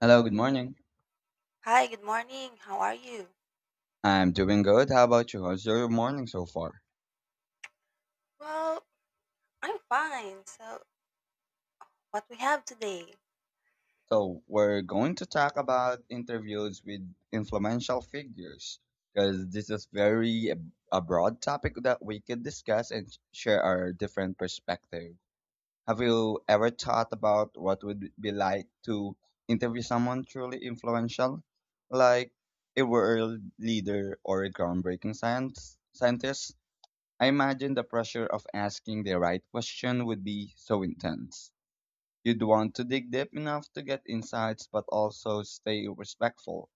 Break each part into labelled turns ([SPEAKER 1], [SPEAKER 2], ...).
[SPEAKER 1] Hello, good morning.
[SPEAKER 2] Hi, good morning. How are you?
[SPEAKER 1] I'm doing good. How about you? How's your morning so far?
[SPEAKER 2] Well, I'm fine. So, what we have today?
[SPEAKER 1] So, we're going to talk about interviews with influential figures because this is very a broad topic that we can discuss and share our different perspective. Have you ever thought about what would it be like to interview someone truly influential, like a world leader or a groundbreaking science scientist? I imagine the pressure of asking the right question would be so intense. You'd want to dig deep enough to get insights but also stay respectful.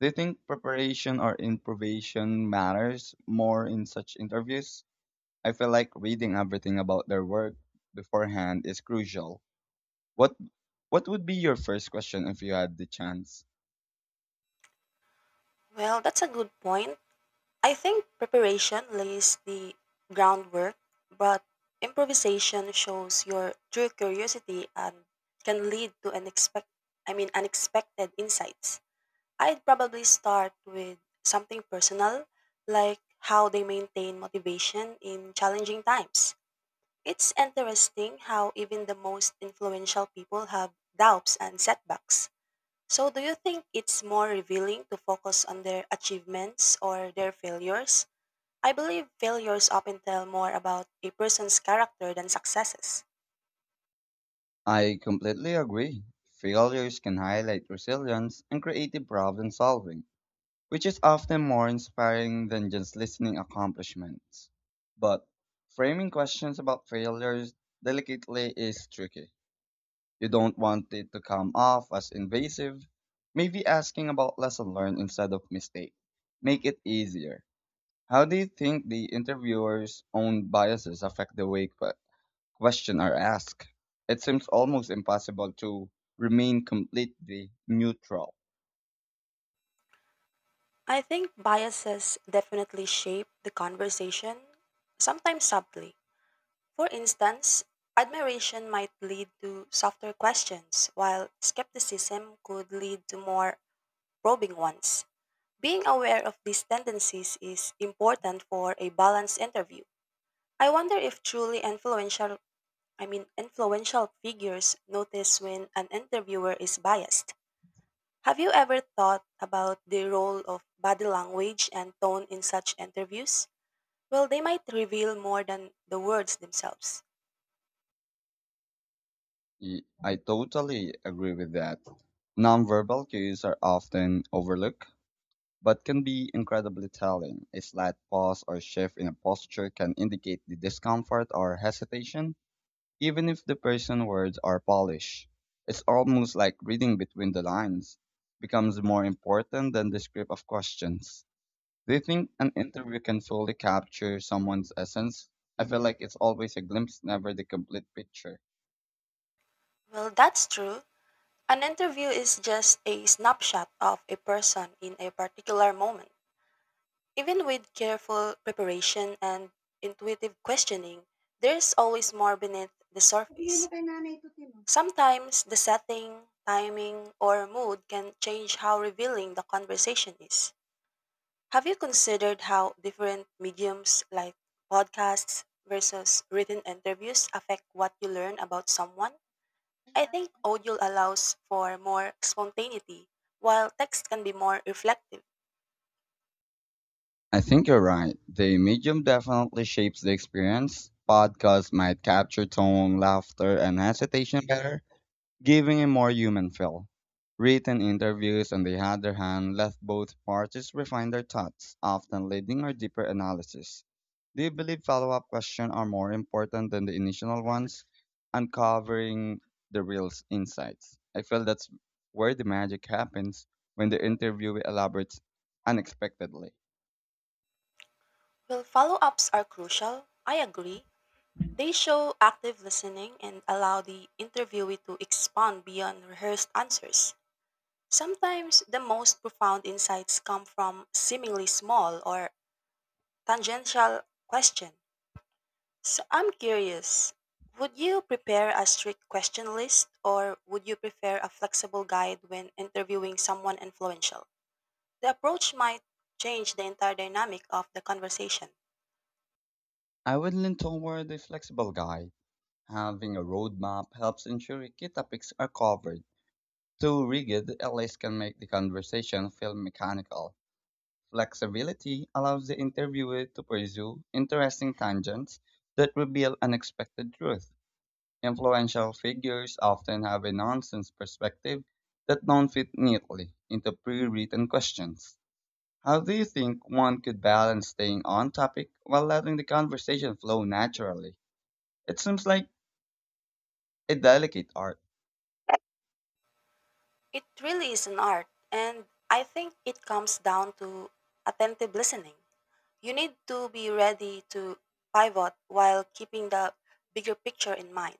[SPEAKER 1] Do you think preparation or improvisation matters more in such interviews? I feel like reading everything about their work beforehand is crucial. What what would be your first question if you had the chance?
[SPEAKER 2] Well, that's a good point. I think preparation lays the groundwork, but improvisation shows your true curiosity and can lead to unexpected insights. I'd probably start with something personal, like how they maintain motivation in challenging times. It's interesting how even the most influential people have doubts and setbacks. So, do you think it's more revealing to focus on their achievements or their failures? I believe failures often tell more about a person's character than successes.
[SPEAKER 1] I completely agree. Failures can highlight resilience and creative problem solving which is often more inspiring than just listening accomplishments. But framing questions about failures delicately is tricky. You don't want it to come off as invasive. Maybe asking about lesson learned instead of mistake. Make it easier. How do you think the interviewer's own biases affect the way questions are asked? It seems almost impossible to remain completely neutral.
[SPEAKER 2] I think biases definitely shape the conversation, sometimes subtly. For instance, admiration might lead to softer questions, while skepticism could lead to more probing ones. Being aware of these tendencies is important for a balanced interview. I wonder if truly influential, I mean influential figures notice when an interviewer is biased. Have you ever thought about the role of body language and tone in such interviews? Well, they might reveal more than the words themselves.
[SPEAKER 1] I totally agree with that. Nonverbal cues are often overlooked, but can be incredibly telling. A slight pause or shift in a posture can indicate the discomfort or hesitation, even if the person's words are polished. It's almost like reading between the lines becomes more important than the script of questions. Do you think an interview can fully capture someone's essence? I feel like it's always a glimpse, never the complete picture.
[SPEAKER 2] Well, that's true. An interview is just a snapshot of a person in a particular moment. Even with careful preparation and intuitive questioning, there is always more beneath the
[SPEAKER 1] Bigay mo
[SPEAKER 2] surface.
[SPEAKER 1] kay nanay to, Tino.
[SPEAKER 2] Sometimes the setting, timing, or mood can change how revealing the conversation is. Have you considered how different mediums like podcasts versus written interviews affect what you learn about someone? I think audio allows for more spontaneity, while text can be more reflective.
[SPEAKER 1] I think you're right. The medium definitely shapes the experience. Podcasts might capture tone, laughter, and hesitation better, giving a more human feel. Written interviews, on the other hand, let both parties refine their thoughts, often leading or deeper analysis. Do you believe follow up questions are more important than the initial ones, uncovering the real insights? I feel that's where the magic happens when the interview elaborates unexpectedly.
[SPEAKER 2] Well, follow ups are crucial. I agree. They show active listening and allow the interviewee to expand beyond rehearsed answers. Sometimes the most profound insights come from seemingly small or tangential questions. So I'm curious, would you prepare a strict question list or would you prefer a flexible guide when interviewing someone influential? The approach might change the entire dynamic of the conversation.
[SPEAKER 1] I would lean toward a flexible guide. Having a roadmap helps ensure key topics are covered. Too rigid LAs can make the conversation feel mechanical. Flexibility allows the interviewer to pursue interesting tangents that reveal unexpected truth. Influential figures often have a nonsense perspective that don't fit neatly into pre-written questions. How do you think one could balance staying on topic while letting the conversation flow naturally? It seems like a delicate art.
[SPEAKER 2] It really is an art, and I think it comes down to attentive listening. You need to be ready to pivot while keeping the bigger picture in mind.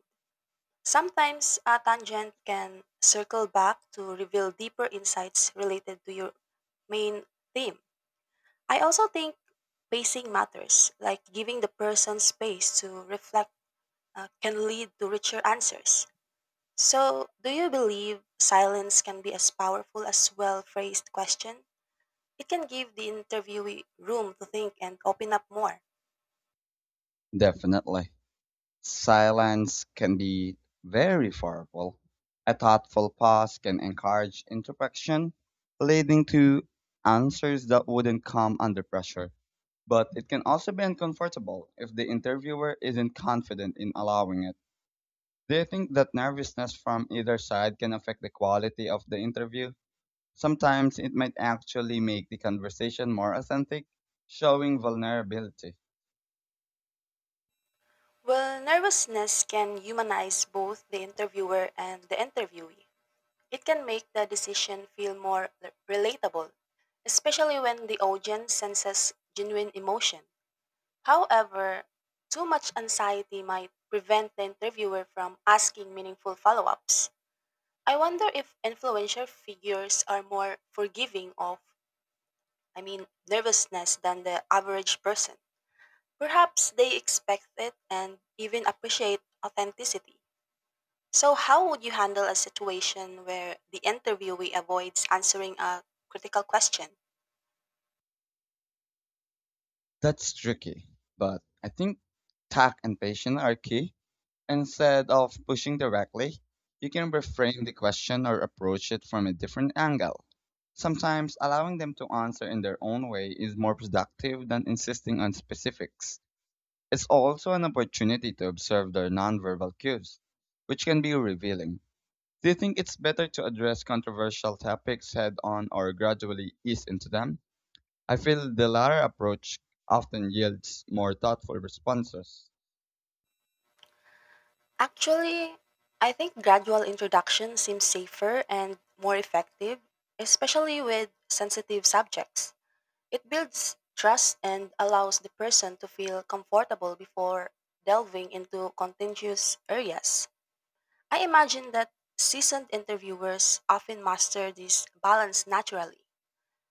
[SPEAKER 2] Sometimes a tangent can circle back to reveal deeper insights related to your main theme. I also think pacing matters, like giving the person space to reflect can lead to richer answers. So, do you believe silence can be as powerful as well phrased question? It can give the interviewee room to think and open up more.
[SPEAKER 1] Definitely. Silence can be very powerful. A thoughtful pause can encourage introspection, leading to answers that wouldn't come under pressure. But it can also be uncomfortable if the interviewer isn't confident in allowing it. Do you think that nervousness from either side can affect the quality of the interview? Sometimes it might actually make the conversation more authentic, showing vulnerability.
[SPEAKER 2] Well, nervousness can humanize both the interviewer and the interviewee. It can make the decision feel more relatable, especially when the audience senses genuine emotion. However, too much anxiety might prevent the interviewer from asking meaningful follow ups. I wonder if influential figures are more forgiving of nervousness than the average person. Perhaps they expect it and even appreciate authenticity. So, how would you handle a situation where the interviewee avoids answering a critical question?
[SPEAKER 1] That's tricky, but I think tact and patience are key. Instead of pushing directly, you can reframe the question or approach it from a different angle. Sometimes allowing them to answer in their own way is more productive than insisting on specifics. It's also an opportunity to observe their nonverbal cues, which can be revealing. Do you think it's better to address controversial topics head on or gradually ease into them? I feel the latter approach often yields more thoughtful responses.
[SPEAKER 2] Actually, I think gradual introduction seems safer and more effective, especially with sensitive subjects. It builds trust and allows the person to feel comfortable before delving into contentious areas. I imagine that seasoned interviewers often master this balance naturally.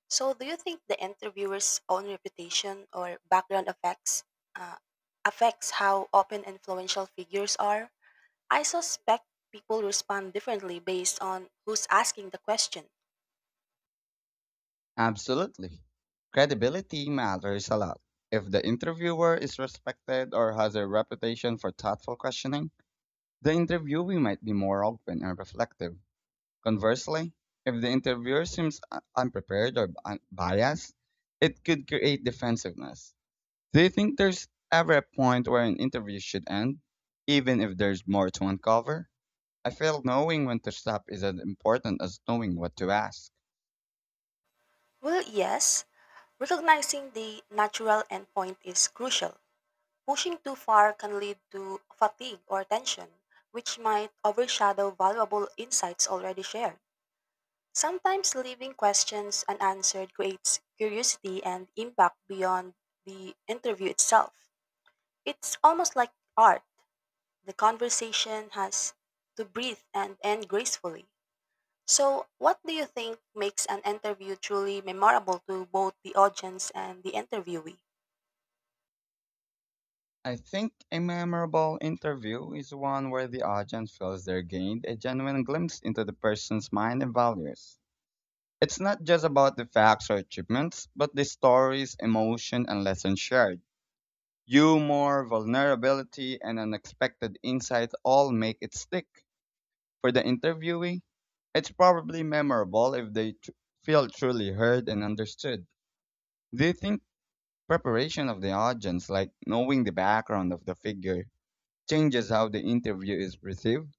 [SPEAKER 2] So, do you think the interviewer's own reputation or background uh, affects how open influential figures are? I suspect people respond differently based on who's asking the question.
[SPEAKER 1] Absolutely. Credibility matters a lot. If the interviewer is respected or has a reputation for thoughtful questioning, the interviewee might be more open and reflective. Conversely, if the interviewer seems unprepared or biased, it could create defensiveness. Do you think there's ever a point where an interview should end, even if there's more to uncover? I feel knowing when to stop is as important as knowing what to ask.
[SPEAKER 2] Well, yes, recognizing the natural endpoint is crucial. Pushing too far can lead to fatigue or tension, which might overshadow valuable insights already shared. Sometimes leaving questions unanswered creates curiosity and impact beyond the interview itself. It's almost like art. The conversation has to breathe and end gracefully. So, what do you think makes an interview truly memorable to both the audience and the interviewee?
[SPEAKER 1] I think a memorable interview is one where the audience feels they gained a genuine glimpse into the person's mind and values. It's not just about the facts or achievements, but the stories, emotion, and lessons shared. Humor, vulnerability, and unexpected insights all make it stick. For the interviewee, it's probably memorable if they feel truly heard and understood. Do you think preparation of the audience, like knowing the background of the figure, changes how the interview is received.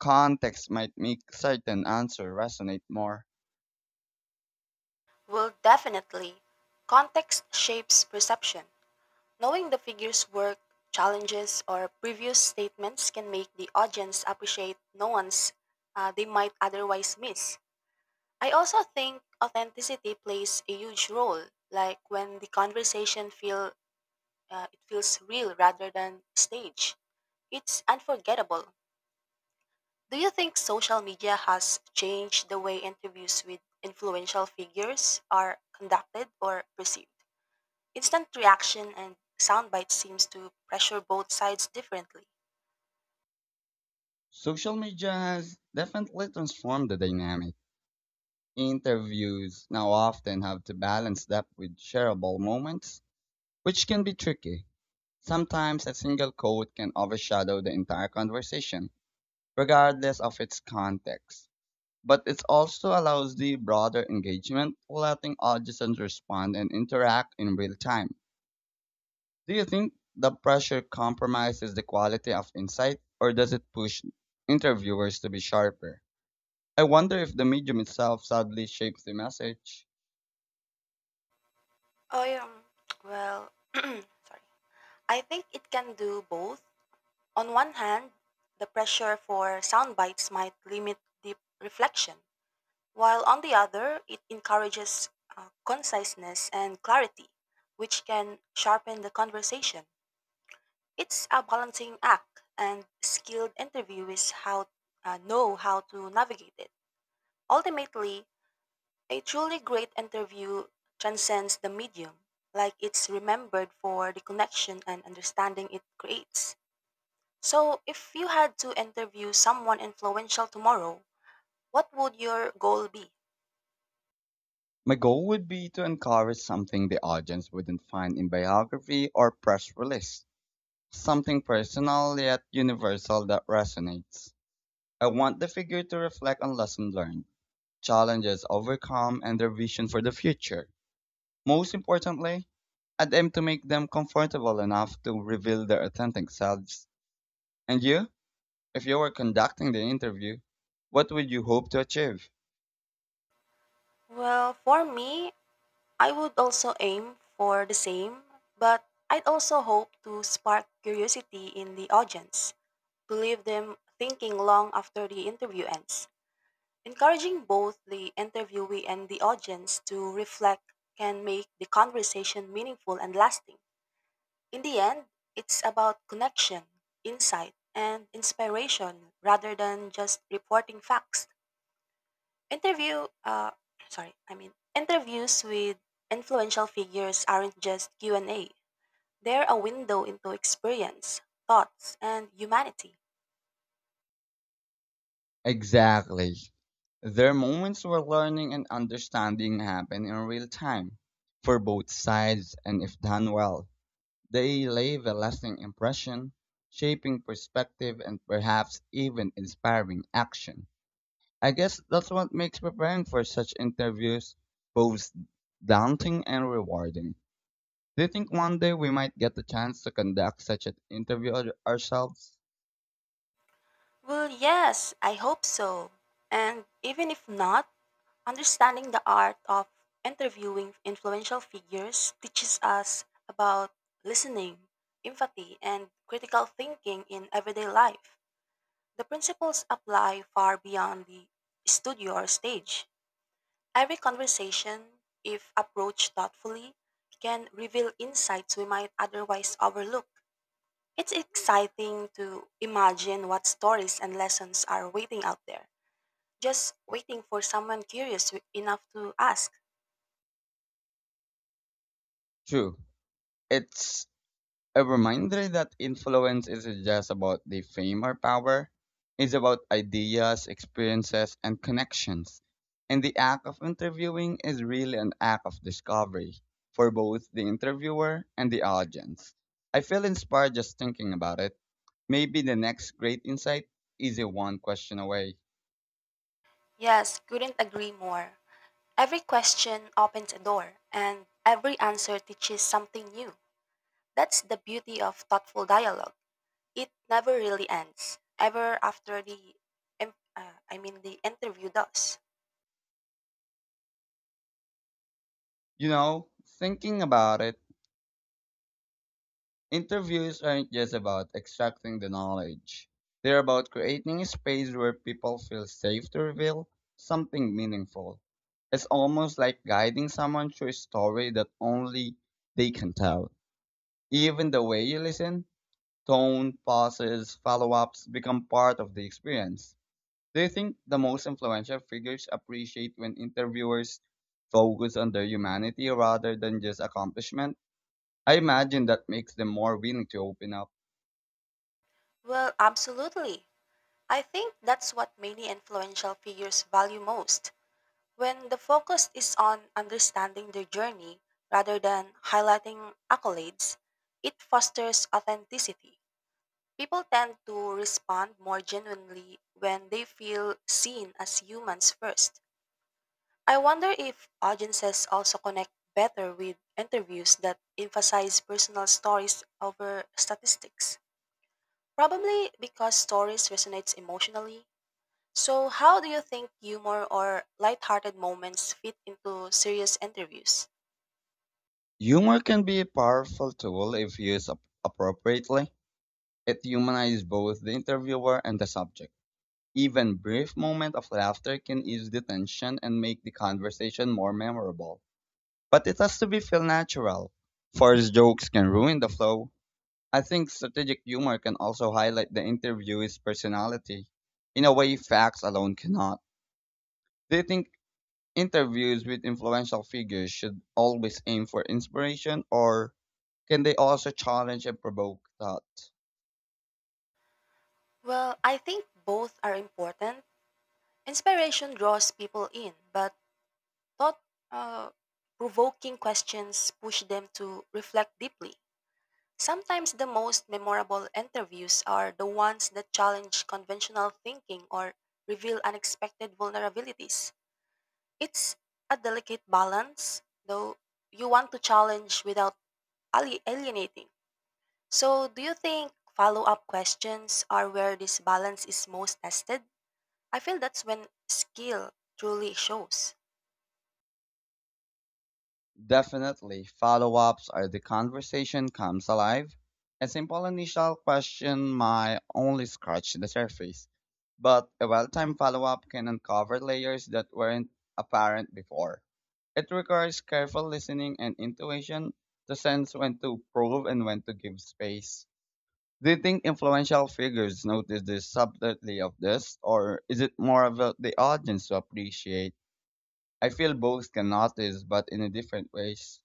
[SPEAKER 1] Context might make certain answer resonate more.
[SPEAKER 2] Well, definitely. Context shapes perception. Knowing the figure's work, challenges, or previous statements can make the audience appreciate nuance they might otherwise miss. I also think authenticity plays a huge role, like when the conversation feel it feels real rather than staged. It's unforgettable. Do you think social media has changed the way interviews with influential figures are conducted or perceived? Instant reaction and soundbite seems to pressure both sides differently.
[SPEAKER 1] Social media has definitely transformed the dynamic. Interviews now often have to balance depth with shareable moments, which can be tricky. Sometimes a single quote can overshadow the entire conversation, regardless of its context. But it also allows the broader engagement, letting audiences respond and interact in real time. Do you think the pressure compromises the quality of insight, or does it push interviewers to be sharper? I wonder if the medium itself sadly shapes the message.
[SPEAKER 2] Oh, yeah. Well, sorry. I think it can do both. On one hand, the pressure for sound bites might limit deep reflection, while on the other, it encourages conciseness and clarity, which can sharpen the conversation. It's a balancing act, and skilled interviewers know how to navigate it. Ultimately, a truly great interview transcends the medium, like it's remembered for the connection and understanding it creates. So, if you had to interview someone influential tomorrow, what would your goal be?
[SPEAKER 1] My goal would be to encourage something the audience wouldn't find in biography or press release, something personal yet universal that resonates. I want the figure to reflect on lessons learned challenges overcome, and their vision for the future. Most importantly, I'd aim to make them comfortable enough to reveal their authentic selves. And you, if you were conducting the interview, what would you hope to achieve?
[SPEAKER 2] Well, for me, I would also aim for the same, but I'd also hope to spark curiosity in the audience, to leave them thinking long after the interview ends. Encouraging both the interviewee and the audience to reflect can make the conversation meaningful and lasting. In the end, it's about connection, insight, and inspiration rather than just reporting facts. Interview, sorry, I mean, interviews with influential figures aren't just Q&A. They're a window into experience, thoughts, and humanity.
[SPEAKER 1] Exactly. Their moments where learning and understanding happen in real time for both sides, and if done well, they leave a lasting impression, shaping perspective and perhaps even inspiring action. I guess that's what makes preparing for such interviews both daunting and rewarding. Do you think one day we might get the chance to conduct such an interview ourselves?
[SPEAKER 2] Well, yes, I hope so. And even if not, understanding the art of interviewing influential figures teaches us about listening, empathy, and critical thinking in everyday life. The principles apply far beyond the studio or stage. Every conversation, if approached thoughtfully, can reveal insights we might otherwise overlook. It's exciting to imagine what stories and lessons are waiting out there, just waiting for someone curious enough to ask.
[SPEAKER 1] True. It's a reminder that influence isn't just about the fame or power, it's about ideas, experiences, and connections. And the act of interviewing is really an act of discovery for both the interviewer and the audience. I feel inspired just thinking about it. Maybe the next great insight is a one question away.
[SPEAKER 2] Yes, couldn't agree more. Every question opens a door, and every answer teaches something new. That's the beauty of thoughtful dialogue. It never really ends, ever after the interview does.
[SPEAKER 1] You know, thinking about it, interviews aren't just about extracting the knowledge. They're about creating a space where people feel safe to reveal something meaningful. It's almost like guiding someone through a story that only they can tell. Even the way you listen, tone, pauses, follow ups become part of the experience. Do you think the most influential figures appreciate when interviewers focus on their humanity rather than just accomplishment? I imagine that makes them more willing to open up.
[SPEAKER 2] Well, absolutely. I think that's what many influential figures value most. When the focus is on understanding their journey rather than highlighting accolades, it fosters authenticity. People tend to respond more genuinely when they feel seen as humans first. I wonder if audiences also connect better with interviews that emphasize personal stories over statistics. Probably because stories resonate emotionally. So how do you think humor or lighthearted moments fit into serious interviews?
[SPEAKER 1] Humor can be a powerful tool if used appropriately. It humanizes both the interviewer and the subject. Even brief moments of laughter can ease the tension and make the conversation more memorable. But it has to be feel natural. Forced jokes can ruin the flow. I think strategic humor can also highlight the interviewee's personality in a way facts alone cannot. Do you think interviews with influential figures should always aim for inspiration or can they also challenge and provoke thought?
[SPEAKER 2] Well, I think both are important. Inspiration draws people in, but Thought uh, provoking questions push them to reflect deeply. Sometimes the most memorable interviews are the ones that challenge conventional thinking or reveal unexpected vulnerabilities. It's a delicate balance, though you want to challenge without alienating. So, do you think follow up questions are where this balance is most tested? I feel that's when skill truly shows.
[SPEAKER 1] Definitely, follow ups are the conversation comes alive. A simple initial question might only scratch the surface, but a well timed follow up can uncover layers that weren't apparent before. It requires careful listening and intuition to sense when to prove and when to give space. Do you think influential figures notice the subtlety of this, or is it more about the audience to appreciate? I feel both can notice, but in a different ways.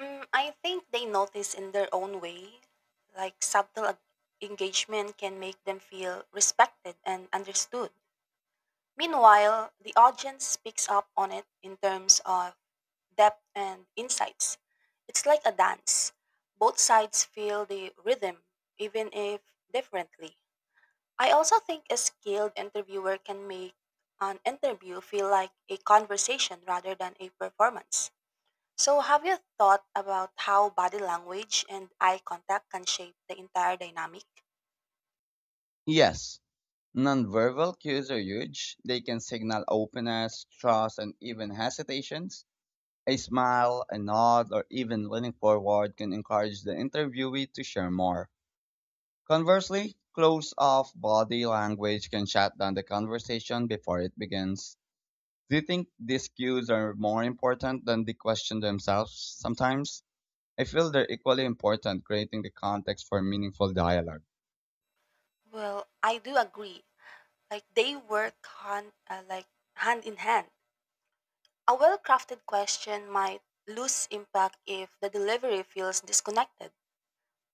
[SPEAKER 2] Mm, I think they notice in their own way. Like subtle engagement can make them feel respected and understood. Meanwhile, the audience picks up on it in terms of depth and insights. It's like a dance. Both sides feel the rhythm, even if differently. I also think a skilled interviewer can make an interview feel like a conversation rather than a performance. So, have you thought about how body language and eye contact can shape the entire dynamic?
[SPEAKER 1] Yes, nonverbal cues are huge. They can signal openness, trust, and even hesitations. A smile, a nod, or even leaning forward can encourage the interviewee to share more. Conversely, closed off body language can shut down the conversation before it begins. Do you think these cues are more important than the question themselves sometimes? I feel they're equally important creating the context for meaningful dialogue.
[SPEAKER 2] Well, I do agree. Like they work hand in hand. A well-crafted question might lose impact if the delivery feels disconnected.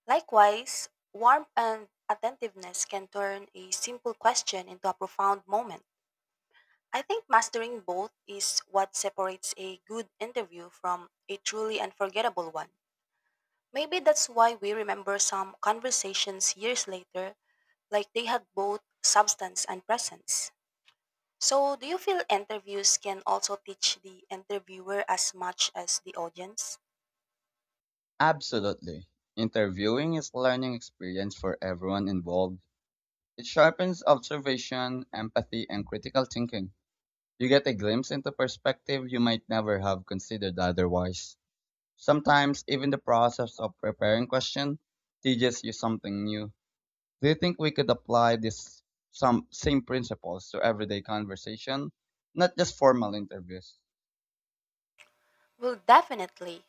[SPEAKER 2] Likewise, warmth and attentiveness can turn a simple question into a profound moment. I think mastering both is what separates a good interview from a truly unforgettable one. Maybe that's why we remember some conversations years later, like they had both substance and presence. So, do you feel interviews can also teach the interviewer as much as the audience?
[SPEAKER 1] Absolutely. Interviewing is a learning experience for everyone involved. It sharpens observation, empathy, and critical thinking. You get a glimpse into perspective you might never have considered otherwise. Sometimes even the process of preparing question teaches you something new. Do you think we could apply this some same principles to everyday conversation, not just formal interviews?
[SPEAKER 2] Well, definitely.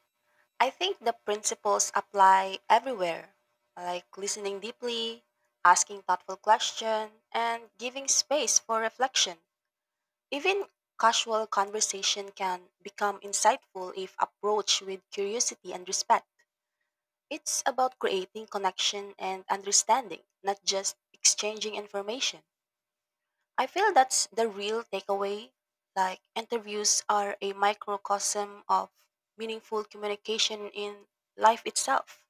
[SPEAKER 2] I think the principles apply everywhere, like listening deeply, asking thoughtful questions, and giving space for reflection. Even casual conversation can become insightful if approached with curiosity and respect. It's about creating connection and understanding, not just exchanging information. I feel that's the real takeaway. Like, interviews are a microcosm of meaningful communication in life itself.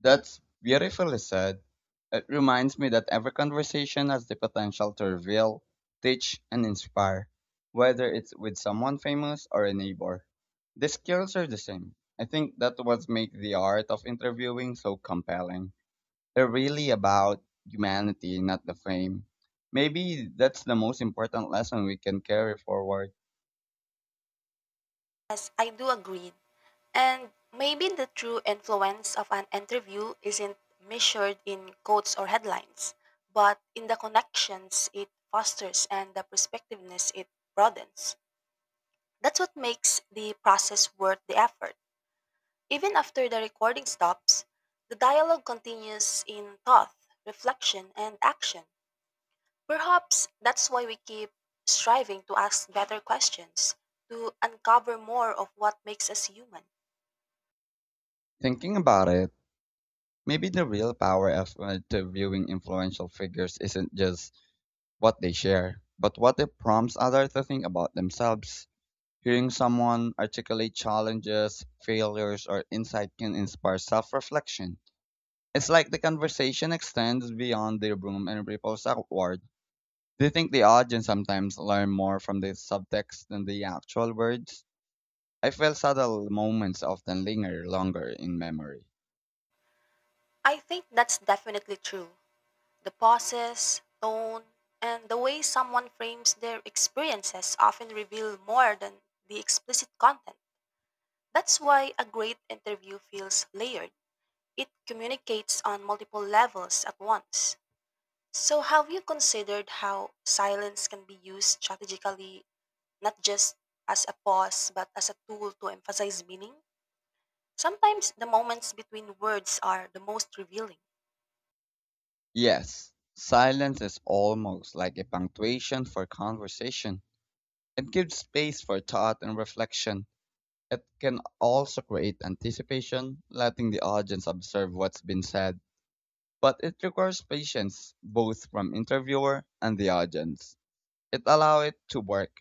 [SPEAKER 1] That's beautifully said. It reminds me that every conversation has the potential to reveal, teach, and inspire, whether it's with someone famous or a neighbor. The skills are the same. I think that what makes the art of interviewing so compelling. They're really about humanity, not the fame. Maybe that's the most important lesson we can carry forward.
[SPEAKER 2] Yes, I do agree. And maybe the true influence of an interview isn't measured in quotes or headlines, but in the connections it fosters and the perspectiveness it broadens. That's what makes the process worth the effort. Even after the recording stops, the dialogue continues in thought, reflection, and action. Perhaps that's why we keep striving to ask better questions, to uncover more of what makes us human.
[SPEAKER 1] Thinking about it, maybe the real power of interviewing influential figures isn't just what they share, but what it prompts others to think about themselves. Hearing someone articulate challenges, failures, or insight can inspire self reflection. It's like the conversation extends beyond the room and ripples outward. Do you think the audience sometimes learn more from the subtext than the actual words? I feel subtle moments often linger longer in memory.
[SPEAKER 2] I think that's definitely true. The pauses, tone, and the way someone frames their experiences often reveal more than the explicit content. That's why a great interview feels layered. It communicates on multiple levels at once. So, have you considered how silence can be used strategically, not just as a pause, but as a tool to emphasize meaning? Sometimes the moments between words are the most revealing.
[SPEAKER 1] Yes, silence is almost like a punctuation for conversation. It gives space for thought and reflection. It can also create anticipation, letting the audience observe what's been said. But it requires patience, both from interviewer and the audience. It allows it to work.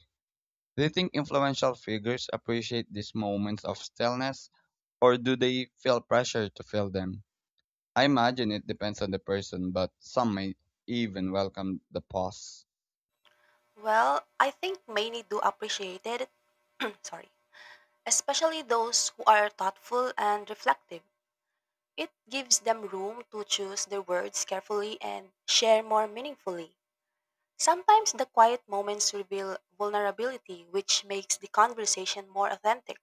[SPEAKER 1] Do you think influential figures appreciate these moments of stillness, or do they feel pressure to fill them? I imagine it depends on the person, but some may even welcome the pause.
[SPEAKER 2] Well, I think many do appreciate it. Sorry. Especially those who are thoughtful and reflective. It gives them room to choose their words carefully and share more meaningfully. Sometimes the quiet moments reveal vulnerability, which makes the conversation more authentic.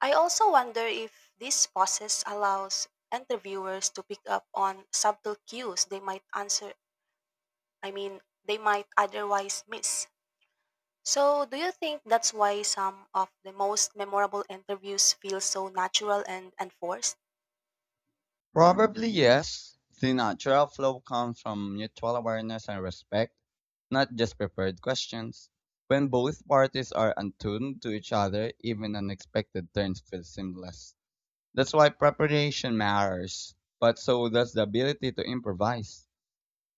[SPEAKER 2] I also wonder if this process allows interviewers to pick up on subtle cues they might answer, I mean, they might otherwise miss. So, do you think that's why some of the most memorable interviews feel so natural and unforced?
[SPEAKER 1] Probably yes. The natural flow comes from mutual awareness and respect, not just prepared questions. When both parties are attuned to each other, even unexpected turns feel seamless. That's why preparation matters, but so does the ability to improvise.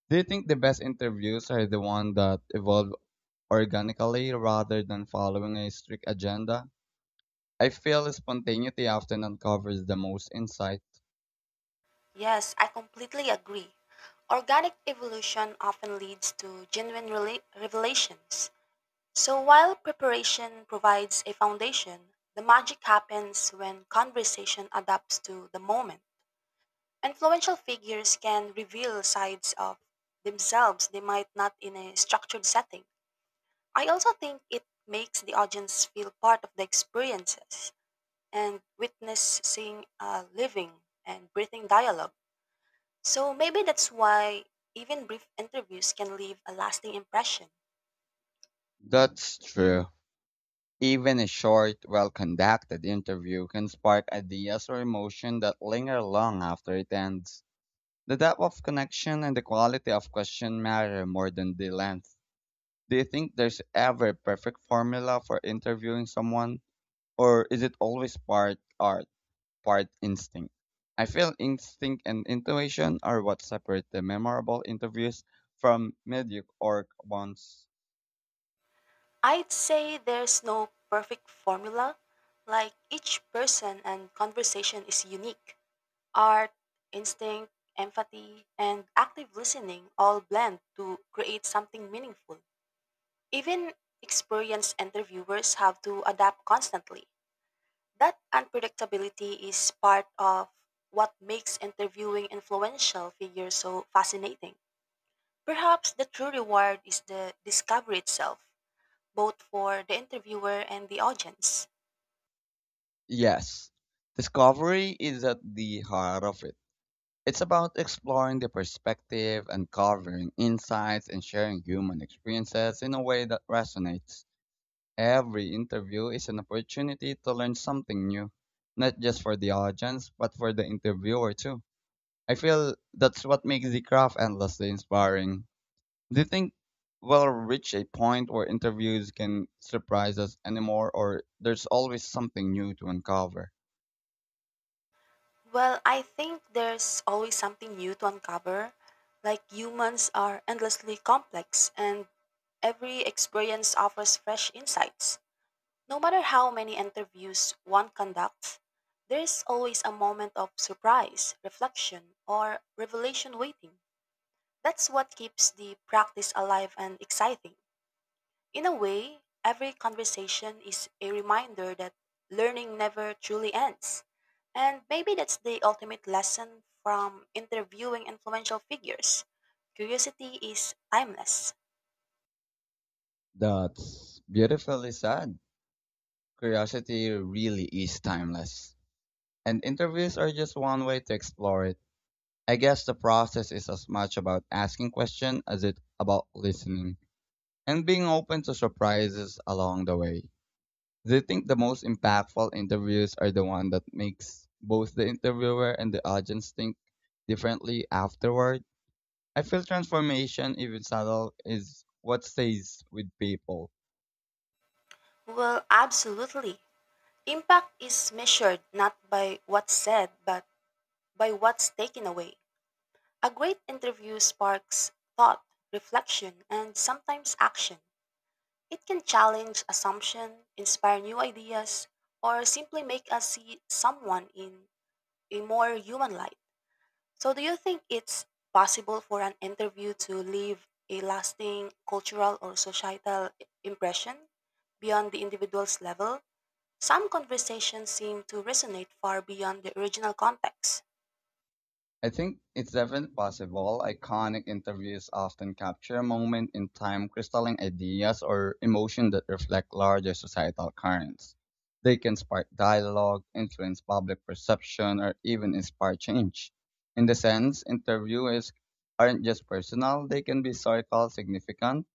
[SPEAKER 1] Do you think the best interviews are the ones that evolve organically rather than following a strict agenda? I feel spontaneity often uncovers the most insight.
[SPEAKER 2] Yes, I completely agree. Organic evolution often leads to genuine revelations. So, while preparation provides a foundation, the magic happens when conversation adapts to the moment. Influential figures can reveal sides of themselves they might not in a structured setting. I also think it makes the audience feel part of the experiences and witnessing a living and breathing dialogue. So maybe that's why even brief interviews can leave a lasting impression.
[SPEAKER 1] That's true. Even a short, well conducted interview can spark ideas or emotion that linger long after it ends. The depth of connection and the quality of question matter more than the length. Do you think there's ever a perfect formula for interviewing someone, or is it always part art? Part instinct. I feel instinct and intuition are what separate the memorable interviews from mediocre ones.
[SPEAKER 2] I'd say there's no perfect formula, like each person and conversation is unique. Art, instinct, empathy, and active listening all blend to create something meaningful. Even experienced interviewers have to adapt constantly. That unpredictability is part of what makes interviewing influential figures so fascinating. Perhaps the true reward is the discovery itself, both for the interviewer and the audience.
[SPEAKER 1] Yes, discovery is at the heart of it. It's about exploring the perspective, uncovering insights, and sharing human experiences in a way that resonates. Every interview is an opportunity to learn something new, not just for the audience, but for the interviewer too. I feel that's what makes the craft endlessly inspiring. Do you think we'll reach a point where interviews can surprise us anymore, or there's always something new to uncover?
[SPEAKER 2] Well, I think there's always something new to uncover. Like humans are endlessly complex, and every experience offers fresh insights. No matter how many interviews one conducts, there's always a moment of surprise, reflection, or revelation waiting. That's what keeps the practice alive and exciting. In a way, every conversation is a reminder that learning never truly ends. And maybe that's the ultimate lesson from interviewing influential figures. Curiosity is timeless.
[SPEAKER 1] That's beautifully said. Curiosity really is timeless. And interviews are just one way to explore it. I guess the process is as much about asking questions as it about listening and being open to surprises along the way. Do you think the most impactful interviews are the one that makes both the interviewer and the audience think differently afterward? I feel transformation, even subtle, is what stays with people.
[SPEAKER 2] Well, absolutely. Impact is measured not by what's said, but by what's taken away. A great interview sparks thought, reflection, and sometimes action. It can challenge assumption, inspire new ideas, or simply make us see someone in a more human light. So do you think it's possible for an interview to leave a lasting cultural or societal impression beyond the individual's level? Some conversations seem to resonate far beyond the original context.
[SPEAKER 1] I think it's definitely possible. Iconic interviews often capture a moment in time crystalline ideas or emotion that reflect larger societal currents. They can spark dialogue, influence public perception, or even inspire change. In the sense, interviews aren't just personal, they can be historical, significant.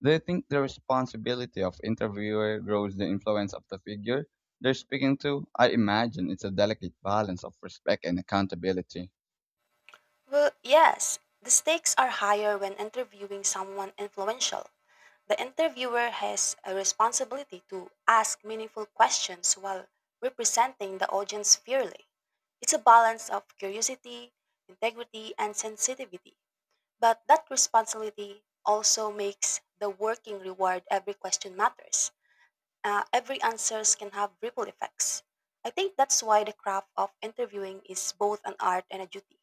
[SPEAKER 1] They think the responsibility of interviewer grows the influence of the figure they're speaking to? I imagine it's a delicate balance of respect and accountability.
[SPEAKER 2] Well, yes, the stakes are higher when interviewing someone influential. The interviewer has a responsibility to ask meaningful questions while representing the audience fairly. It's a balance of curiosity, integrity, and sensitivity. But that responsibility also makes the working reward every question matters. Every answers can have ripple effects. I think that's why the craft of interviewing is both an art and a duty.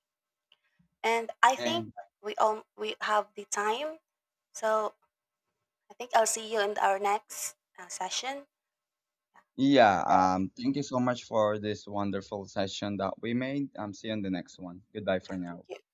[SPEAKER 2] And I think
[SPEAKER 1] And
[SPEAKER 2] we have the time, so I think I'll see you in our next session.
[SPEAKER 1] yeah, thank you so much for this wonderful session that we made. I'm see you in the next one. Goodbye for
[SPEAKER 2] Thank
[SPEAKER 1] now.
[SPEAKER 2] you.